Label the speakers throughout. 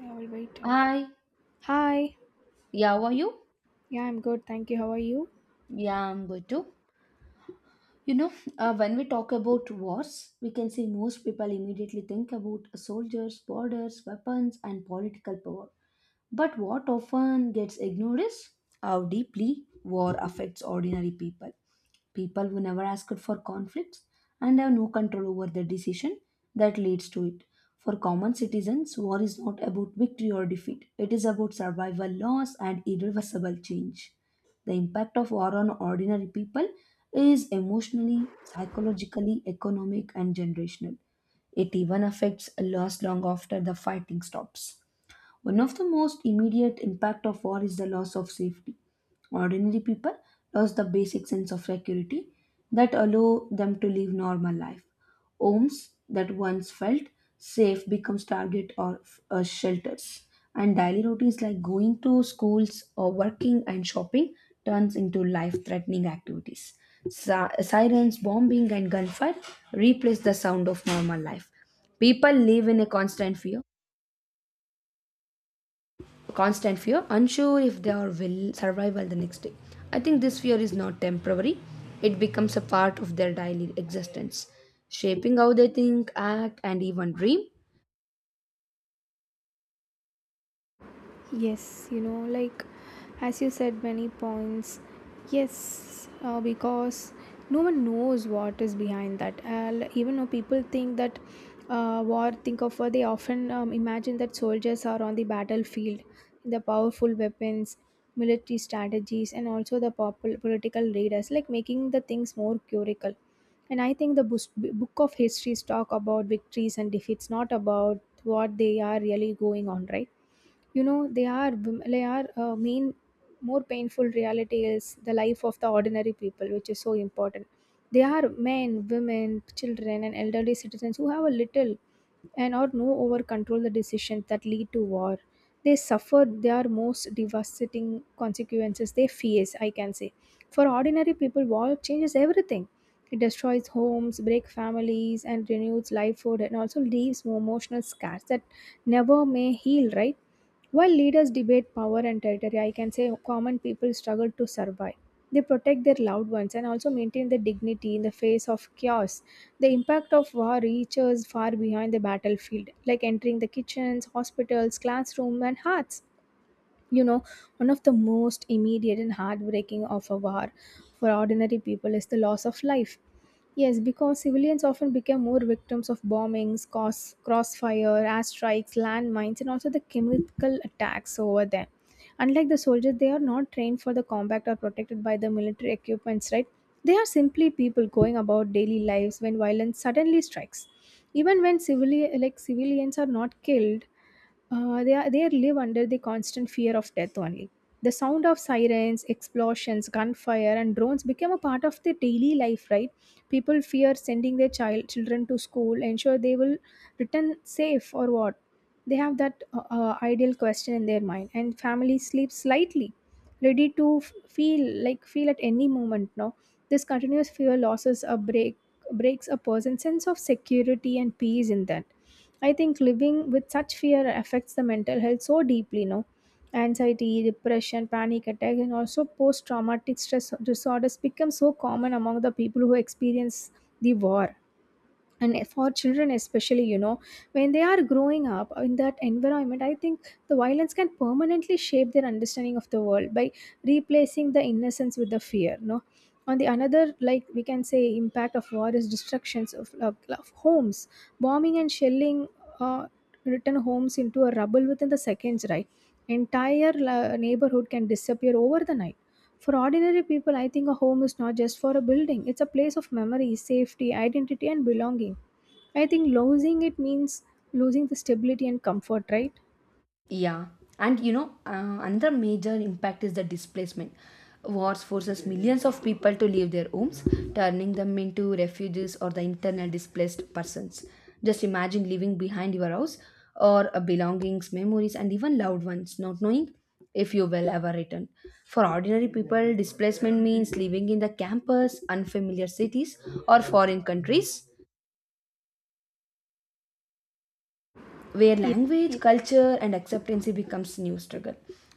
Speaker 1: I will wait.
Speaker 2: Hi,
Speaker 1: Hi.
Speaker 2: yeah, how are you?
Speaker 1: Yeah, I'm good. Thank you. How are you?
Speaker 2: Yeah, I'm good too. When we talk about wars, we can say most people immediately think about soldiers, borders, weapons, and political power. But what often gets ignored is how deeply war affects ordinary people. People who never asked for conflicts and have no control over the decision that leads to it. For common citizens, war is not about victory or defeat, it is about survival, loss, and irreversible change. The impact of war on ordinary people is emotionally, psychologically, economic, and generational. It even affects loss long after the fighting stops. One of the most immediate impact of war is the loss of safety. Ordinary people lost the basic sense of security that allow them to live normal life. Homes that once felt safe becomes target of shelters, and daily routines like going to schools or working and shopping turns into life-threatening activities. Sirens, bombing, and gunfire replace the sound of normal life. People live in a constant fear, unsure if they are will survive well the next day. I think this fear is not temporary, it becomes a part of their daily existence, shaping how they think, act, and even dream.
Speaker 1: Yes, like as you said, many points. Yes, because no one knows what is behind that. Even though people think that war, think of war, they often imagine that soldiers are on the battlefield, the powerful weapons, military strategies, and also the political leaders, like making the things more curical. And I think the book of histories talk about victories and defeats, not about what they are really going on, right? You know, they are wom- they are mean more painful reality is the life of the ordinary people, which is so important. They are men, women, children, and elderly citizens who have a little and or no over control the decisions that lead to war. They suffer their most devastating consequences they face, I can say. For ordinary people, war changes everything. It destroys homes, break families, and renews livelihood, and also leaves emotional scars that never may heal, right? While leaders debate power and territory, I can say common people struggle to survive. They protect their loved ones and also maintain their dignity in the face of chaos. The impact of war reaches far behind the battlefield, like entering the kitchens, hospitals, classrooms, and hearts. you know One of the most immediate and heartbreaking of a war for ordinary people is the loss of life. Yes, because civilians often become more victims of bombings, crossfire, airstrikes, landmines, and also the chemical attacks over them. Unlike the soldiers, they are not trained for the combat or protected by the military equipments, right? They are simply people going about daily lives when violence suddenly strikes. Even when like civilians are not killed, they live under the constant fear of death only. The sound of sirens, explosions, gunfire, and drones became a part of their daily life, right? People fear sending their children to school, ensure they will return safe or what. They have that ideal question in their mind, and family sleeps lightly, ready to feel at any moment. No, this continuous fear losses a breaks a person's sense of security and peace in that. I think living with such fear affects the mental health so deeply, no? Anxiety, depression, panic attack, and also post traumatic stress disorders become so common among the people who experience the war. And for children especially, when they are growing up in that environment, I think the violence can permanently shape their understanding of the world by replacing the innocence with the fear, no? On the another, like, we can say impact of war is destructions of homes, bombing and shelling uh, return homes into a rubble within the seconds, right? Entire neighborhood can disappear over the night. For ordinary people, I think a home is not just for a building, it's a place of memory, safety, identity, and belonging. I think losing it means losing the stability and comfort, right?
Speaker 2: Yeah, and another major impact is the displacement. Wars forces millions of people to leave their homes, turning them into refugees or the internal displaced persons. Just imagine leaving behind your house or belongings, memories, and even loved ones, not knowing if you will ever return. For ordinary people, displacement means living in the campus, unfamiliar cities, or foreign countries where
Speaker 1: Ye-
Speaker 2: language, culture, and acceptance becomes new struggle.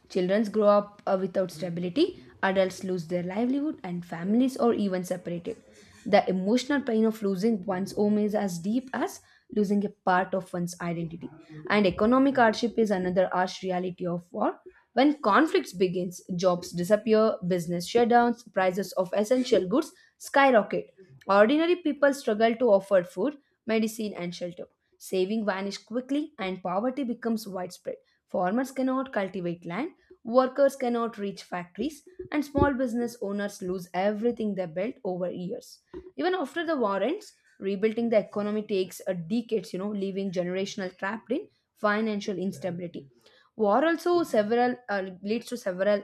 Speaker 2: Children grow up without stability, adults lose their livelihood, and families are even separated. The emotional pain of losing one's home is as deep as losing a part of one's identity. And economic hardship is another harsh reality of war. When conflicts begins, jobs disappear, business shutdowns, prices of essential goods skyrocket. Ordinary people struggle to afford food, medicine, and shelter. Saving vanished quickly and poverty becomes widespread. Farmers cannot cultivate land, workers cannot reach factories, and small business owners lose everything they built over years. Even after the war ends, rebuilding the economy takes a decades, you know, leaving generational trapped in financial instability. War also several leads to several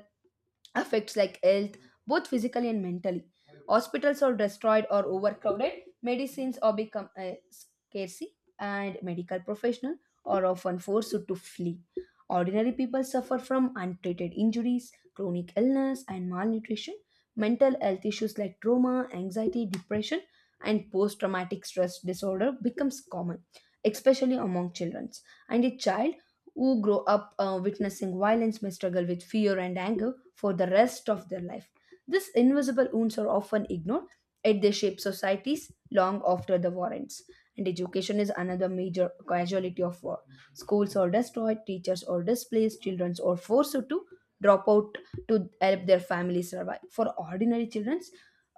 Speaker 2: affects like health, both physically and mentally. Hospitals are destroyed or overcrowded, medicines are become scarcity, and medical professionals are often forced to flee. Ordinary people suffer from untreated injuries, chronic illness, and malnutrition. Mental health issues like trauma, anxiety, depression, and post traumatic stress disorder becomes common, especially among children. And a child who grow up witnessing violence may struggle with fear and anger for the rest of their life. These invisible wounds are often ignored, yet they shape societies long after the war ends. And education is another major casualty of war. Schools are destroyed, teachers are displaced, children are forced to drop out to help their families survive. For ordinary children,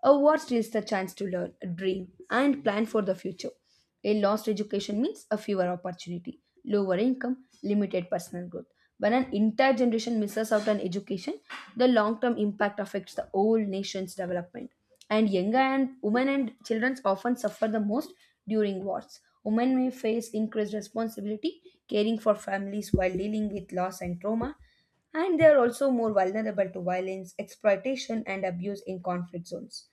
Speaker 2: a war steals the chance to learn, dream, and plan for the future. A lost education means a fewer opportunity, lower income, limited personal growth. When an entire generation misses out on education, the long-term impact affects the whole nation's development. And younger and women and children often suffer the most during wars. Women may face increased responsibility, caring for families while dealing with loss and trauma, and they are also more vulnerable to violence, exploitation, and abuse in conflict zones.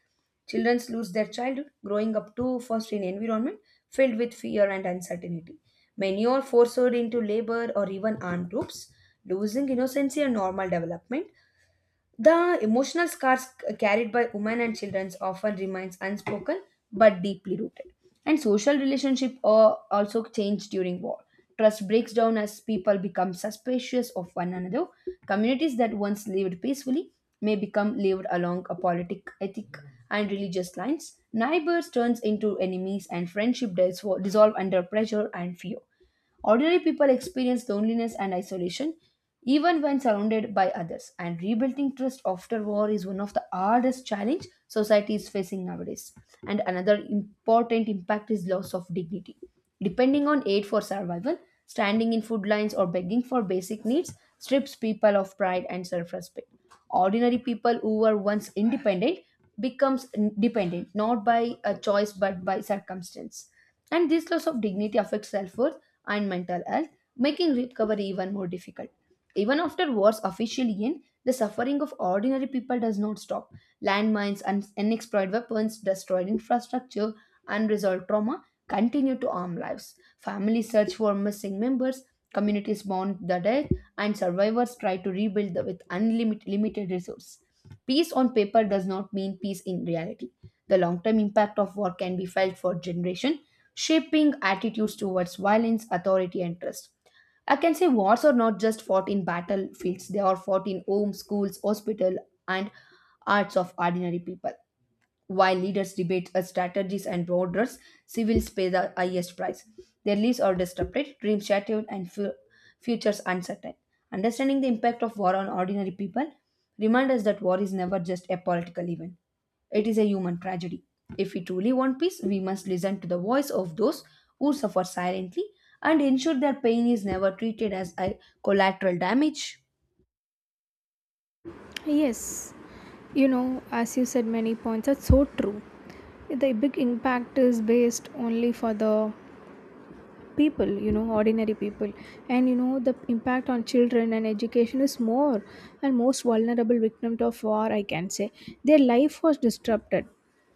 Speaker 2: Children lose their childhood, growing up too fast in environment filled with fear and uncertainty. Many are forced into labor or even armed groups, losing innocency and normal development. The emotional scars carried by women and children often remains unspoken but deeply rooted. And social relationship also change during war. Trust breaks down as people become suspicious of one another. Communities that once lived peacefully may become lived along a politic, ethic, and religious lines. Neighbors turns into enemies, and friendship dissolve under pressure and fear. Ordinary people experience loneliness and isolation even when surrounded by others, and rebuilding trust after war is one of the hardest challenge society is facing nowadays. And another important impact is loss of dignity. Depending on aid for survival, standing in food lines or begging for basic needs strips people of pride and self-respect. Ordinary people who were once independent becomes dependent not by a choice but by circumstance, and this loss of dignity affects self worth and mental health, making recovery even more difficult. Even after wars officially end, the suffering of ordinary people does not stop. Landmines and unexploited weapons, destroyed infrastructure, unresolved trauma continue to harm lives. Families search for missing members, communities mourn the dead, and survivors try to rebuild with unlimited limited resources. Peace on paper does not mean peace in reality. The long term impact of war can be felt for generations, shaping attitudes towards violence, authority, and trust. I can say wars are not just fought in battlefields, they are fought in homes, schools, hospital, and hearts of ordinary people. While leaders debate strategies and borders, civils pay the highest price. Their lives are disrupted, dreams shattered, and futures uncertain. Understanding the impact of war on ordinary people reminds us that war is never just a political event, it is a human tragedy. If we truly want peace, we must listen to the voice of those who suffer silently and ensure their pain is never treated as a collateral damage.
Speaker 1: Yes, as you said, many points are so true. The big impact is based only for the people, ordinary people. And the impact on children and education is more, and most vulnerable victims of war, I can say. Their life was disrupted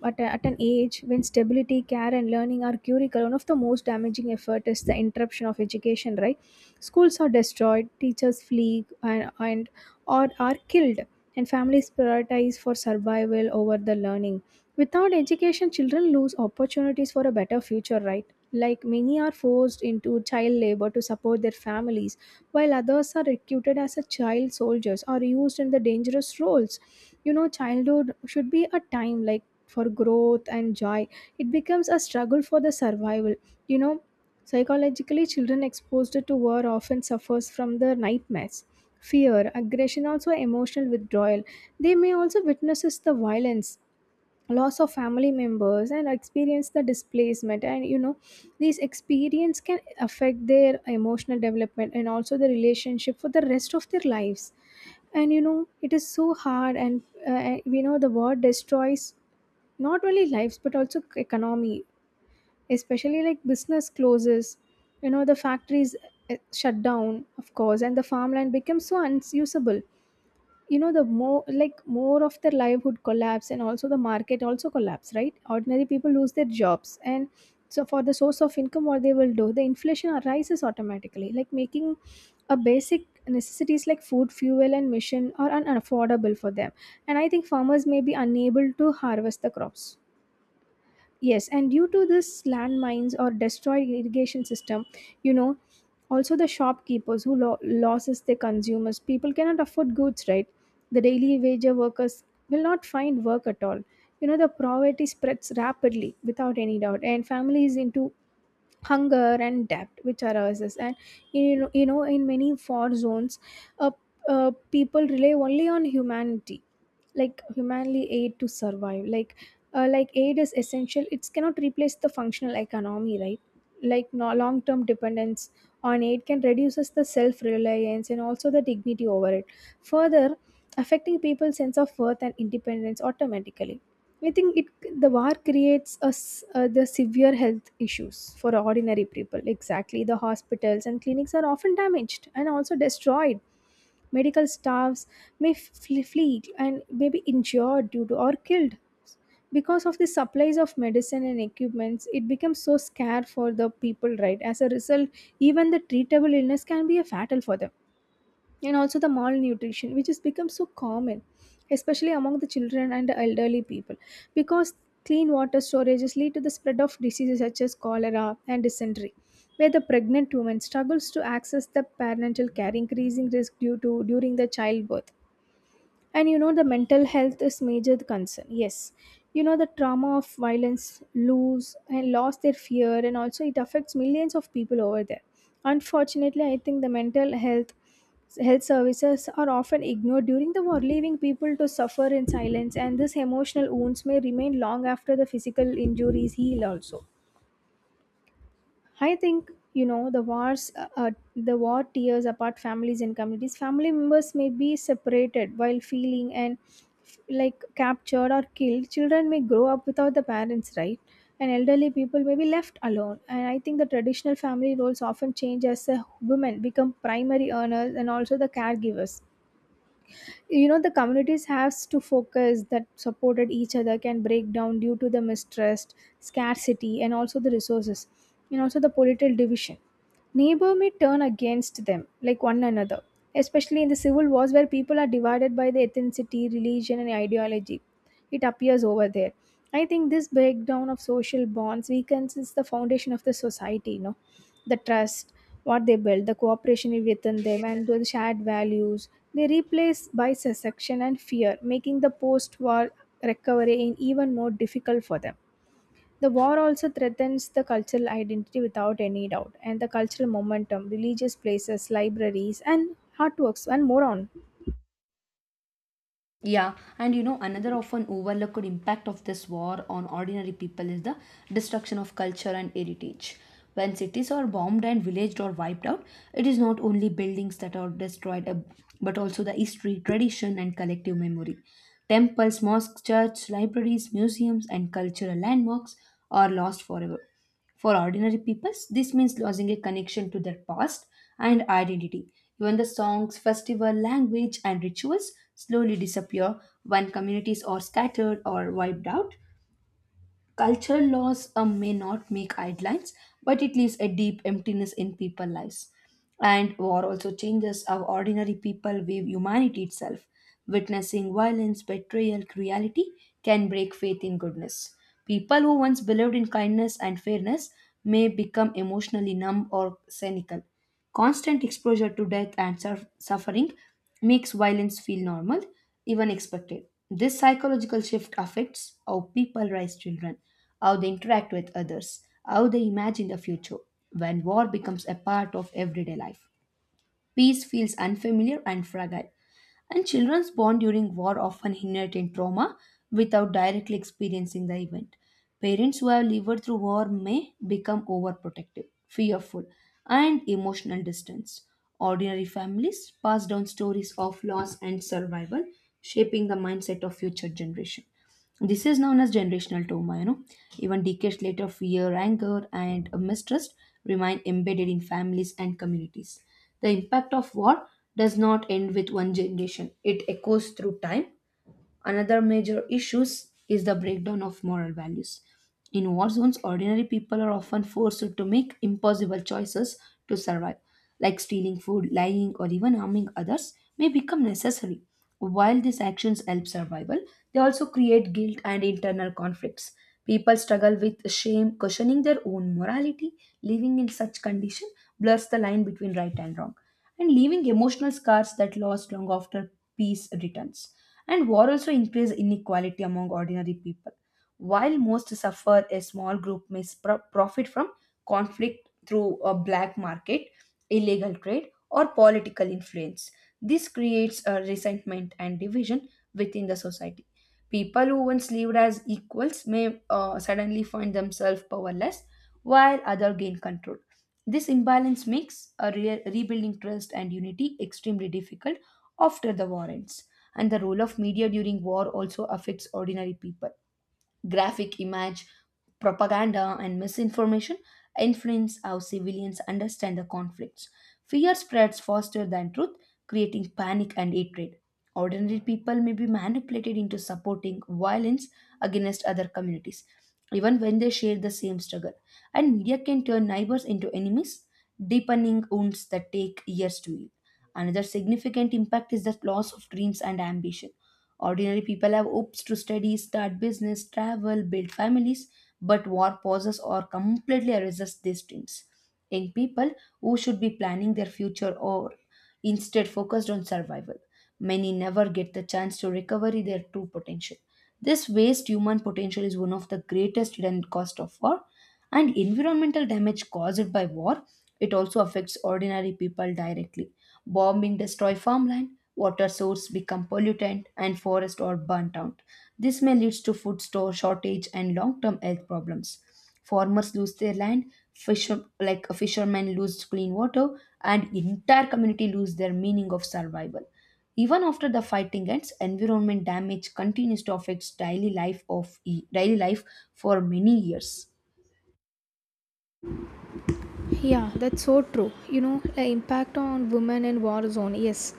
Speaker 1: at an age when stability, care, and learning are critical. One of the most damaging effort is the interruption of education, right? Schools are destroyed, teachers flee and or are killed, and families prioritize for survival over the learning. Without education, children lose opportunities for a better future, right? Like, many are forced into child labor to support their families, while others are recruited as a child soldiers or used in the dangerous roles. Childhood should be a time like for growth and joy. It becomes a struggle for the survival. You know, Psychologically, children exposed to war often suffers from the nightmares, fear, aggression, also emotional withdrawal. They may also witnesses the violence, loss of family members, and experience the displacement. And these experience can affect their emotional development and also the relationship for the rest of their lives. And it is so hard, and we know the war destroys not only lives but also economy, especially like business closes. The factories shut down of course, and the farmland becomes so unusable. The more, like, more of their livelihood collapse, and also the market also collapse, right? Ordinary people lose their jobs, and so for the source of income, what they will do? The inflation arises automatically, like making a basic necessities like food, fuel, and mission are unaffordable for them. And I think farmers may be unable to harvest the crops. Yes, and due to this landmines or destroyed irrigation system, you know, also the shopkeepers who losses their consumers, people cannot afford goods, right? The daily wage workers will not find work at all. The poverty spreads rapidly without any doubt, and families into hunger and debt which arises. And in many war zones, uh, people rely only on humanity like humanly aid to survive, like aid is essential, it cannot replace the functional economy, right? Like, no, long-term dependence on aid can reduces the self-reliance and also the dignity over it, further affecting people's sense of worth and independence automatically. I think it the war creates us the severe health issues for ordinary people. Exactly, the hospitals and clinics are often damaged and also destroyed. Medical staffs may flee and may be injured due to or killed because of the supplies of medicine and equipments. It becomes so scarce for the people, right? As a result, even the treatable illness can be a fatal for them, and also the malnutrition which has become so common, especially among the children and the elderly people, because clean water storages lead to the spread of diseases such as cholera and dysentery, where the pregnant woman struggles to access the parental care increasing risk due to during the childbirth. And the mental health is major concern, yes. The trauma of violence, lose and lost their fear, and also it affects millions of people over there. Unfortunately, I think the mental health services are often ignored during the war, leaving people to suffer in silence, and this emotional wounds may remain long after the physical injuries heal also. I think the war tears apart families and communities. Family members may be separated while feeling and like captured or killed. Children may grow up without the parents, right? And elderly people may be left alone. And I think the traditional family roles often change as the women become primary earners and also the caregivers. The communities has to focus that supported each other can break down due to the mistrust, scarcity, and also the resources, and also the political division. Neighbor may turn against them, like one another, especially in the civil wars where people are divided by the ethnicity, religion, and ideology. It appears over there. I think this breakdown of social bonds weakens is the foundation of the society, the trust what they build, the cooperation within them, and the shared values, they replaced by secession and fear, making the post-war recovery in even more difficult for them. The war also threatens the cultural identity without any doubt, and the cultural momentum, religious places, libraries, and artworks, and more on.
Speaker 2: Yeah, and you know, another often overlooked impact of this war on ordinary people is the destruction of culture and heritage. When cities are bombed and villaged or wiped out, it is not only buildings that are destroyed, but also the history, tradition, and collective memory. Temples, mosques, churches, libraries, museums, and cultural landmarks are lost forever. For ordinary people, this means losing a connection to their past and identity. Even the songs, festival, language, and rituals slowly disappear when communities are scattered or wiped out. Cultural loss may not make headlines, but it leaves a deep emptiness in people's lives. And war also changes how ordinary people view humanity itself. Witnessing violence, betrayal, cruelty can break faith in goodness. People who once believed in kindness and fairness may become emotionally numb or cynical. Constant exposure to death and suffering makes violence feel normal, even expected. This psychological shift affects how people raise children, how they interact with others, how they imagine the future when war becomes a part of everyday life. Peace feels unfamiliar and fragile, and children born during war often inherit in trauma without directly experiencing the event. Parents who have lived through war may become overprotective, fearful, and emotional distance. Ordinary families pass down stories of loss and survival, shaping the mindset of future generations. This is known as generational trauma, you know. Even decades later, fear, anger, and mistrust remain embedded in families and communities. The impact of war does not end with one generation, it echoes through time. Another major issues is the breakdown of moral values. In war zones, ordinary people are often forced to make impossible choices to survive, like stealing food, lying, or even harming others may become necessary. While these actions help survival, they also create guilt and internal conflicts. People struggle with shame, questioning their own morality. Living in such condition blurs the line between right and wrong and leaving emotional scars that last long after peace returns. And war also increases inequality among ordinary people. While most suffer, a small group may profit from conflict through a black market, illegal trade, or political influence. This creates a resentment and division within the society. People who once lived as equals may suddenly find themselves powerless while others gain control. This imbalance makes a rebuilding trust and unity extremely difficult after the war ends. And the role of media during war also affects ordinary people. Graphic image, propaganda, and misinformation influence how civilians understand the conflicts. Fear spreads faster than truth, creating panic and hatred. Ordinary people may be manipulated into supporting violence against other communities, even when they share the same struggle. And media can turn neighbors into enemies, deepening wounds that take years to heal. Another significant impact is the loss of dreams and ambition. Ordinary people have hopes to study, start business, travel, build families, but war pauses or completely erases these dreams. Young people who should be planning their future or instead focused on survival. Many never get the chance to recover their true potential. This waste human potential is one of the greatest hidden cost of war. And environmental damage caused by war, it also affects ordinary people directly. Bombing destroy farmland, water source become pollutant, and forests are burnt out. This may lead to food store shortage and long-term health problems. Farmers lose their land, fisher like fishermen lose clean water, and entire community lose their meaning of survival. Even after the fighting ends, environment damage continues to affect daily life daily life for many years.
Speaker 1: Yeah, that's so true. The impact on women in war zone, yes.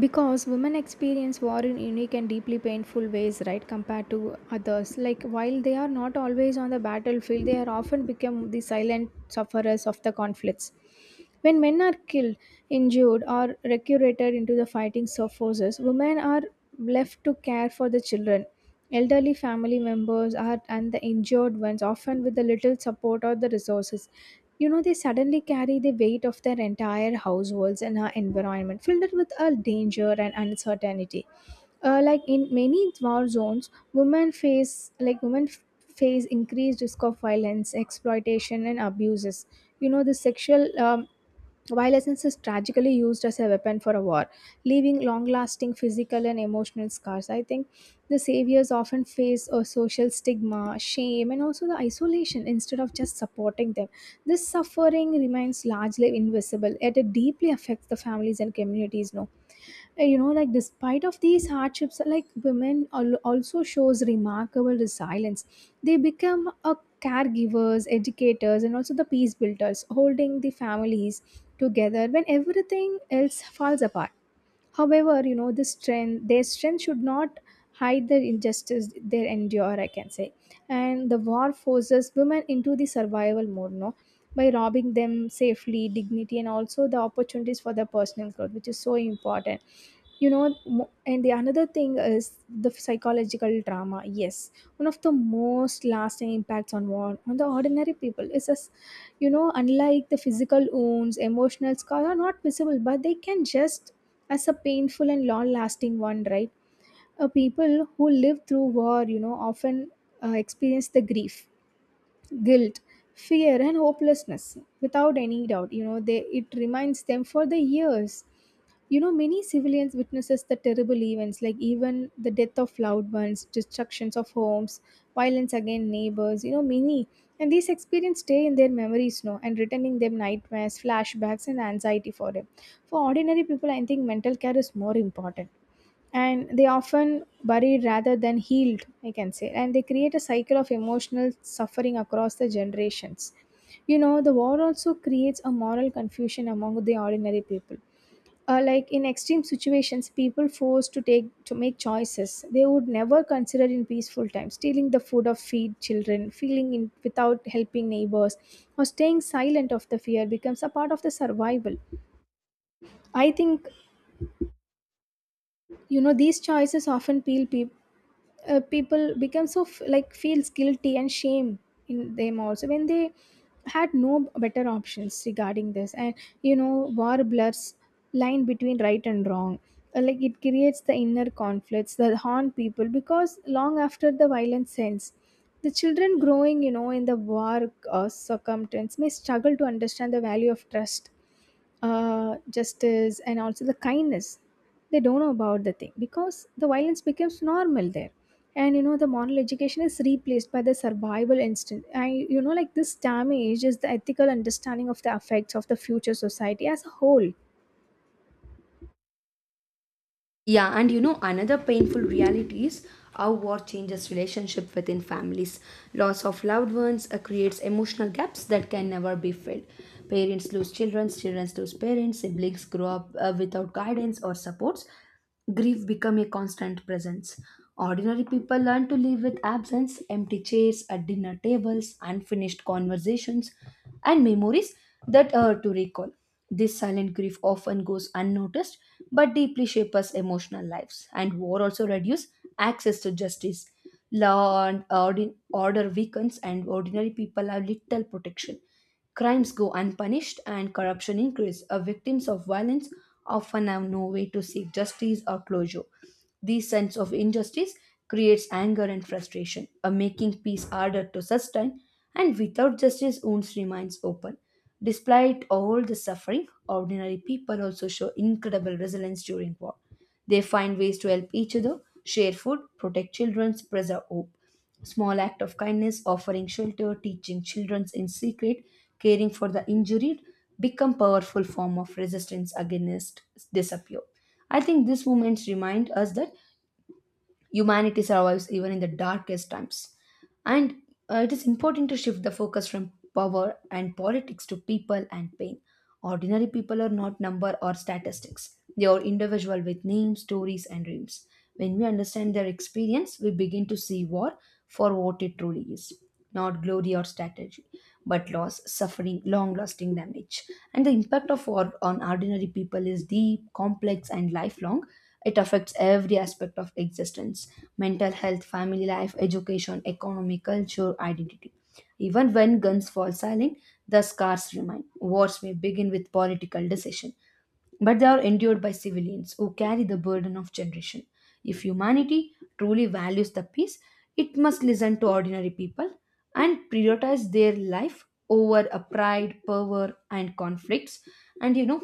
Speaker 1: Because women experience war in unique and deeply painful ways, right, compared to others. Like, while they are not always on the battlefield, they are often become the silent sufferers of the conflicts. When men are killed, injured, or recruited into the fighting forces, women are left to care for the children. Elderly family members are and the injured ones, often with the little support or the resources. They suddenly carry the weight of their entire households and our environment, filled with a danger and uncertainty. Like, in many war zones, women face like women f- face increased risk of violence, exploitation, and abuses. The sexual violence is tragically used as a weapon for a war, leaving long lasting physical and emotional scars. I think the saviors often face a social stigma, shame, and also the isolation instead of just supporting them. This suffering remains largely invisible, yet it deeply affects the families and communities. No, you know like despite of these hardships like also shows remarkable resilience. They become a caregivers, educators, and also the peace builders, holding the families together when everything else falls apart. However, you know, this strength, their strength should not hide their injustice they endure, I can say. And the war forces women into the survival mode, no? By robbing them safely, dignity, and also the opportunities for their personal growth, which is so important. You know and the another thing is the psychological trauma. Yes, one of the most lasting impacts on war on the ordinary people is. You know, unlike the physical wounds, emotional scars are not visible, but they can just as a painful and long lasting one, right? People who live through war, you know, often experience the grief, guilt, fear, and hopelessness without any doubt. You know, they, it reminds them for the years. You know, many civilians witnesses the terrible events, like even the death of loved ones, destructions of homes, violence against neighbors, you know, many. And these experiences stay in their memories now and returning them nightmares, flashbacks, and anxiety for them. For ordinary people, I think mental care is more important. And they often buried rather than healed, I can say, and they create a cycle of emotional suffering across the generations. You know, the war also creates a moral confusion among the ordinary people. Like in extreme situations, people forced to make choices they would never consider in peaceful times: stealing the food of feed children, feeling in without helping neighbors, or staying silent of the fear becomes a part of the survival, I think. You know, these choices often peel peop people become like feels guilty and shame in them also when they had no better options regarding this. And you know, war blurs line between right and wrong. Like it creates the inner conflicts that haunt people because long after the violence ends, the children growing, you know, in the war circumstance may struggle to understand the value of trust, justice, and also the kindness. They don't know about the thing because the violence becomes normal there. And you know, the moral education is replaced by the survival instinct. And you know, like this damage is the ethical understanding of the effects of the future society as a whole.
Speaker 2: Yeah, and you know, another painful reality is how war changes relationship within families. Loss of loved ones creates emotional gaps that can never be filled. Parents lose children, children lose parents, siblings grow up without guidance or supports. Grief become a constant presence. Ordinary people learn to live with absence, empty chairs at dinner tables, unfinished conversations, and memories that are to recall. This silent grief often goes unnoticed but deeply shapes emotional lives, and war also reduces access to justice. Order weakens, and ordinary people have little protection. Crimes go unpunished, and corruption increases. Victims of violence often have no way to seek justice or closure. This sense of injustice creates anger and frustration, a making peace harder to sustain, and without justice, wounds remains open. Despite all the suffering, ordinary people also show incredible resilience during war. They find ways to help each other, share food, protect children, preserve hope. Small act of kindness, offering shelter, teaching children in secret, caring for the injured, become powerful form of resistance against disappear. I think these moments remind us that humanity survives even in the darkest times. And it is important to shift the focus from power and politics to people and pain. Ordinary people are not number or statistics. They are individual with names, stories, and dreams. When we understand their experience, we begin to see war for what it truly is. Not glory or strategy, but loss, suffering, long lasting damage. And the impact of war on ordinary people is deep, complex, and lifelong, it affects every aspect of existence mental health, family life, education, economy, culture, identity. Even when guns fall silent, the scars remain. Wars may begin with political decision, but they are endured by civilians who carry the burden of generation. If humanity truly values the peace, it must listen to ordinary people and prioritize their life over a pride, power, and conflicts. And you know,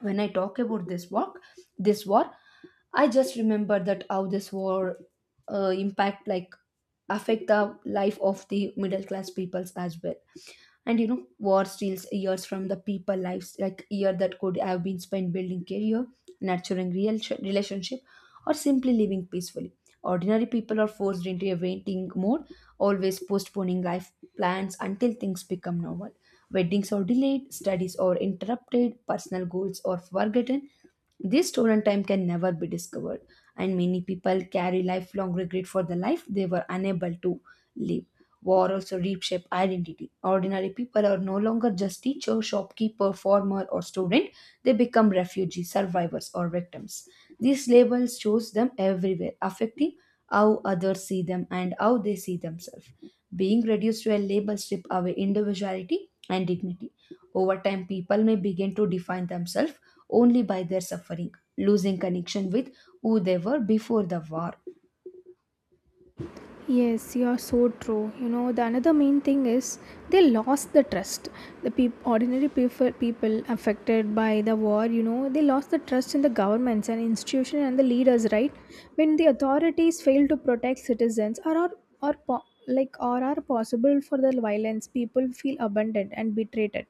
Speaker 2: when I talk about this war, I just remember that how this war impact like affect the life of the middle class peoples as well. And you know, war steals years from the people lives, like year that could have been spent building career, relationship, or simply living peacefully. Ordinary people are forced into a waiting mode, always postponing life plans until things become normal. Weddings are delayed, studies are interrupted, personal goals are forgotten. This stolen time can never be discovered, and many people carry lifelong regret for the life they were unable to live. War also reshapes identity. Ordinary people are no longer just teacher, shopkeeper, farmer, or student. They become refugees, survivors, or victims. These labels shows them everywhere, affecting how others see them and how they see themselves. Being reduced to a label strip away individuality and dignity. Over time, people may begin to define themselves only by their suffering, losing connection with who they were before the war.
Speaker 1: Yes, you are so true. You know, the another main thing is they lost the trust. Ordinary people, people affected by the war, you know, they lost the trust in the governments and institutions and the leaders, right? When the authorities fail to protect citizens or are, or like or are possible for the violence, people feel abandoned and betrayed.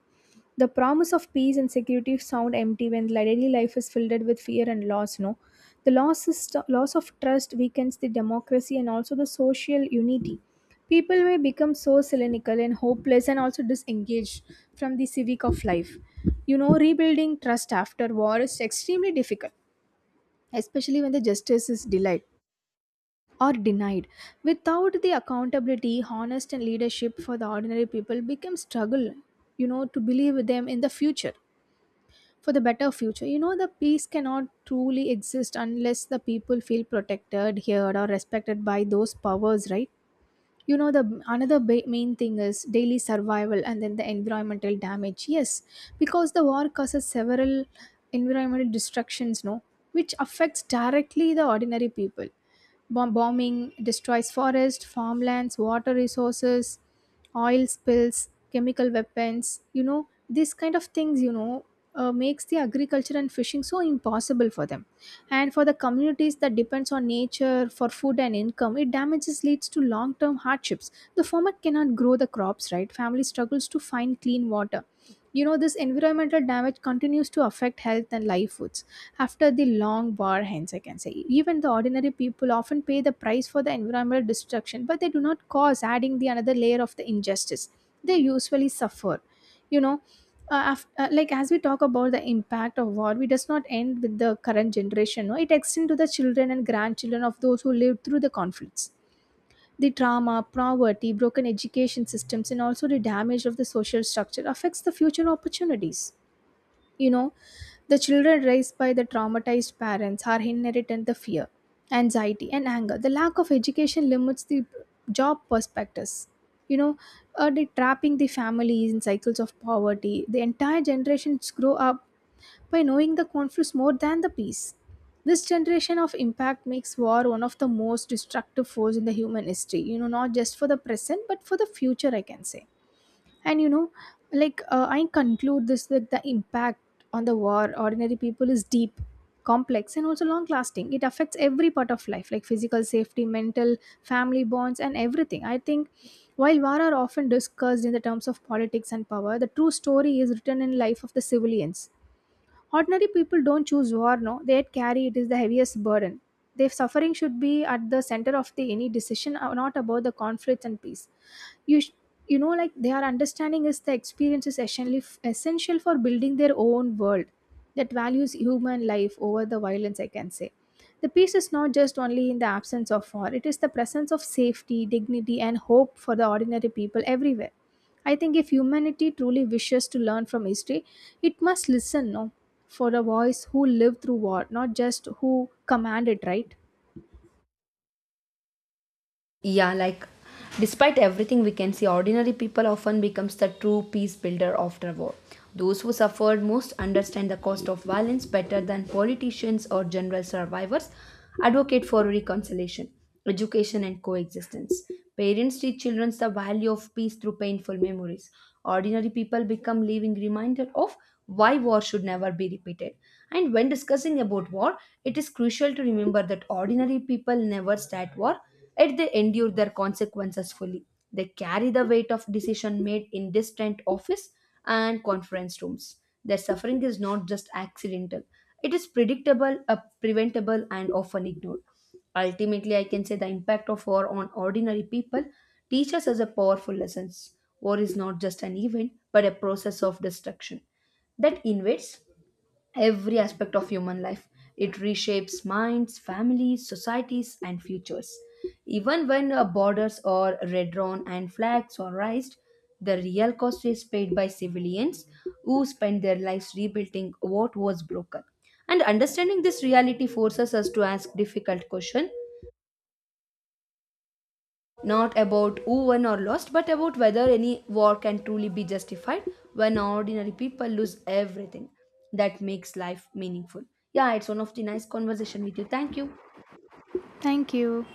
Speaker 1: The promise of peace and security sound empty when daily life is filled with fear and loss. No, the loss is loss of trust weakens the democracy and also the social unity. People may become so cynical and hopeless and also disengaged from the civic of life. You know, rebuilding trust after war is extremely difficult, especially when the justice is delayed or denied. Without the accountability, honest and leadership for the ordinary people becomes struggle. You know, to believe them in the future for the better future. You know, the peace cannot truly exist unless the people feel protected, heard, or respected by those powers, right? You know, the another main thing is daily survival and then the environmental damage. Yes, because the war causes several environmental destructions, no, which affects directly the ordinary people. Bombing destroys forest, farmlands, water resources, oil spills, chemical weapons. You know, these kind of things, you know, makes the agriculture and fishing so impossible for them. And for the communities that depends on nature for food and income, it damages leads to long-term hardships. The farmer cannot grow the crops, right? Family struggles to find clean water. You know, this environmental damage continues to affect health and livelihoods after the long war, hence I can say even the ordinary people often pay the price for the environmental destruction, but they do not cause, adding the another layer of the injustice they usually suffer. You know, like as we talk about the impact of war, we does not end with the current generation, no, it extends to the children and grandchildren of those who lived through the conflicts. The trauma, poverty, broken education systems, and also the damage of the social structure affects the future opportunities. You know, the children raised by the traumatized parents are inherited the fear, anxiety, and anger. The lack of education limits the job perspectives. You know, they trapping the families in cycles of poverty. The entire generations grow up by knowing the conflicts more than the peace. This generation of impact makes war one of the most destructive force in the human history. You know, not just for the present, but for the future, I can say. And you know, like I conclude this that the impact on the war ordinary people is deep, complex, and also long lasting. It affects every part of life like physical safety, mental, family bonds, and everything, I think. While war are often discussed in the terms of politics and power, the true story is written in life of the civilians. Ordinary people don't choose war, no, they carry it is the heaviest burden. Their suffering should be at the center of the any decision, not about the conflicts and peace. you sh- you know, like their understanding is the experience is essentially essential for building their own world that values human life over the violence, I can say. The peace is not just only in the absence of war, it is the presence of safety, dignity, and hope for the ordinary people everywhere. I think if humanity truly wishes to learn from history, it must listen, no, for the voice who lived through war, not just who commanded, right?
Speaker 2: Yeah, like despite everything we can see, ordinary people often becomes the true peace builder after war. Those who suffered most understand the cost of violence better than politicians or general survivors advocate for reconciliation, education and coexistence. Parents teach children the value of peace through painful memories. Ordinary people become living reminder of why war should never be repeated. And when discussing about war, it is crucial to remember that ordinary people never start war. Yet they endure their consequences fully. They carry the weight of decision made in distant office and conference rooms. Their suffering is not just accidental. It is predictable, preventable, and often ignored. Ultimately, I can say the impact of war on ordinary people teaches us a powerful lessons. War is not just an event, but a process of destruction that invades every aspect of human life. It reshapes minds, families, societies, and futures. Even when borders are redrawn and flags are raised, the real cost is paid by civilians who spend their lives rebuilding what was broken. And understanding this reality forces us to ask difficult questions not about who won or lost, but about whether any war can truly be justified when ordinary people lose everything that makes life meaningful. Yeah, it's one of the nice conversation with you. Thank you.
Speaker 1: Thank you.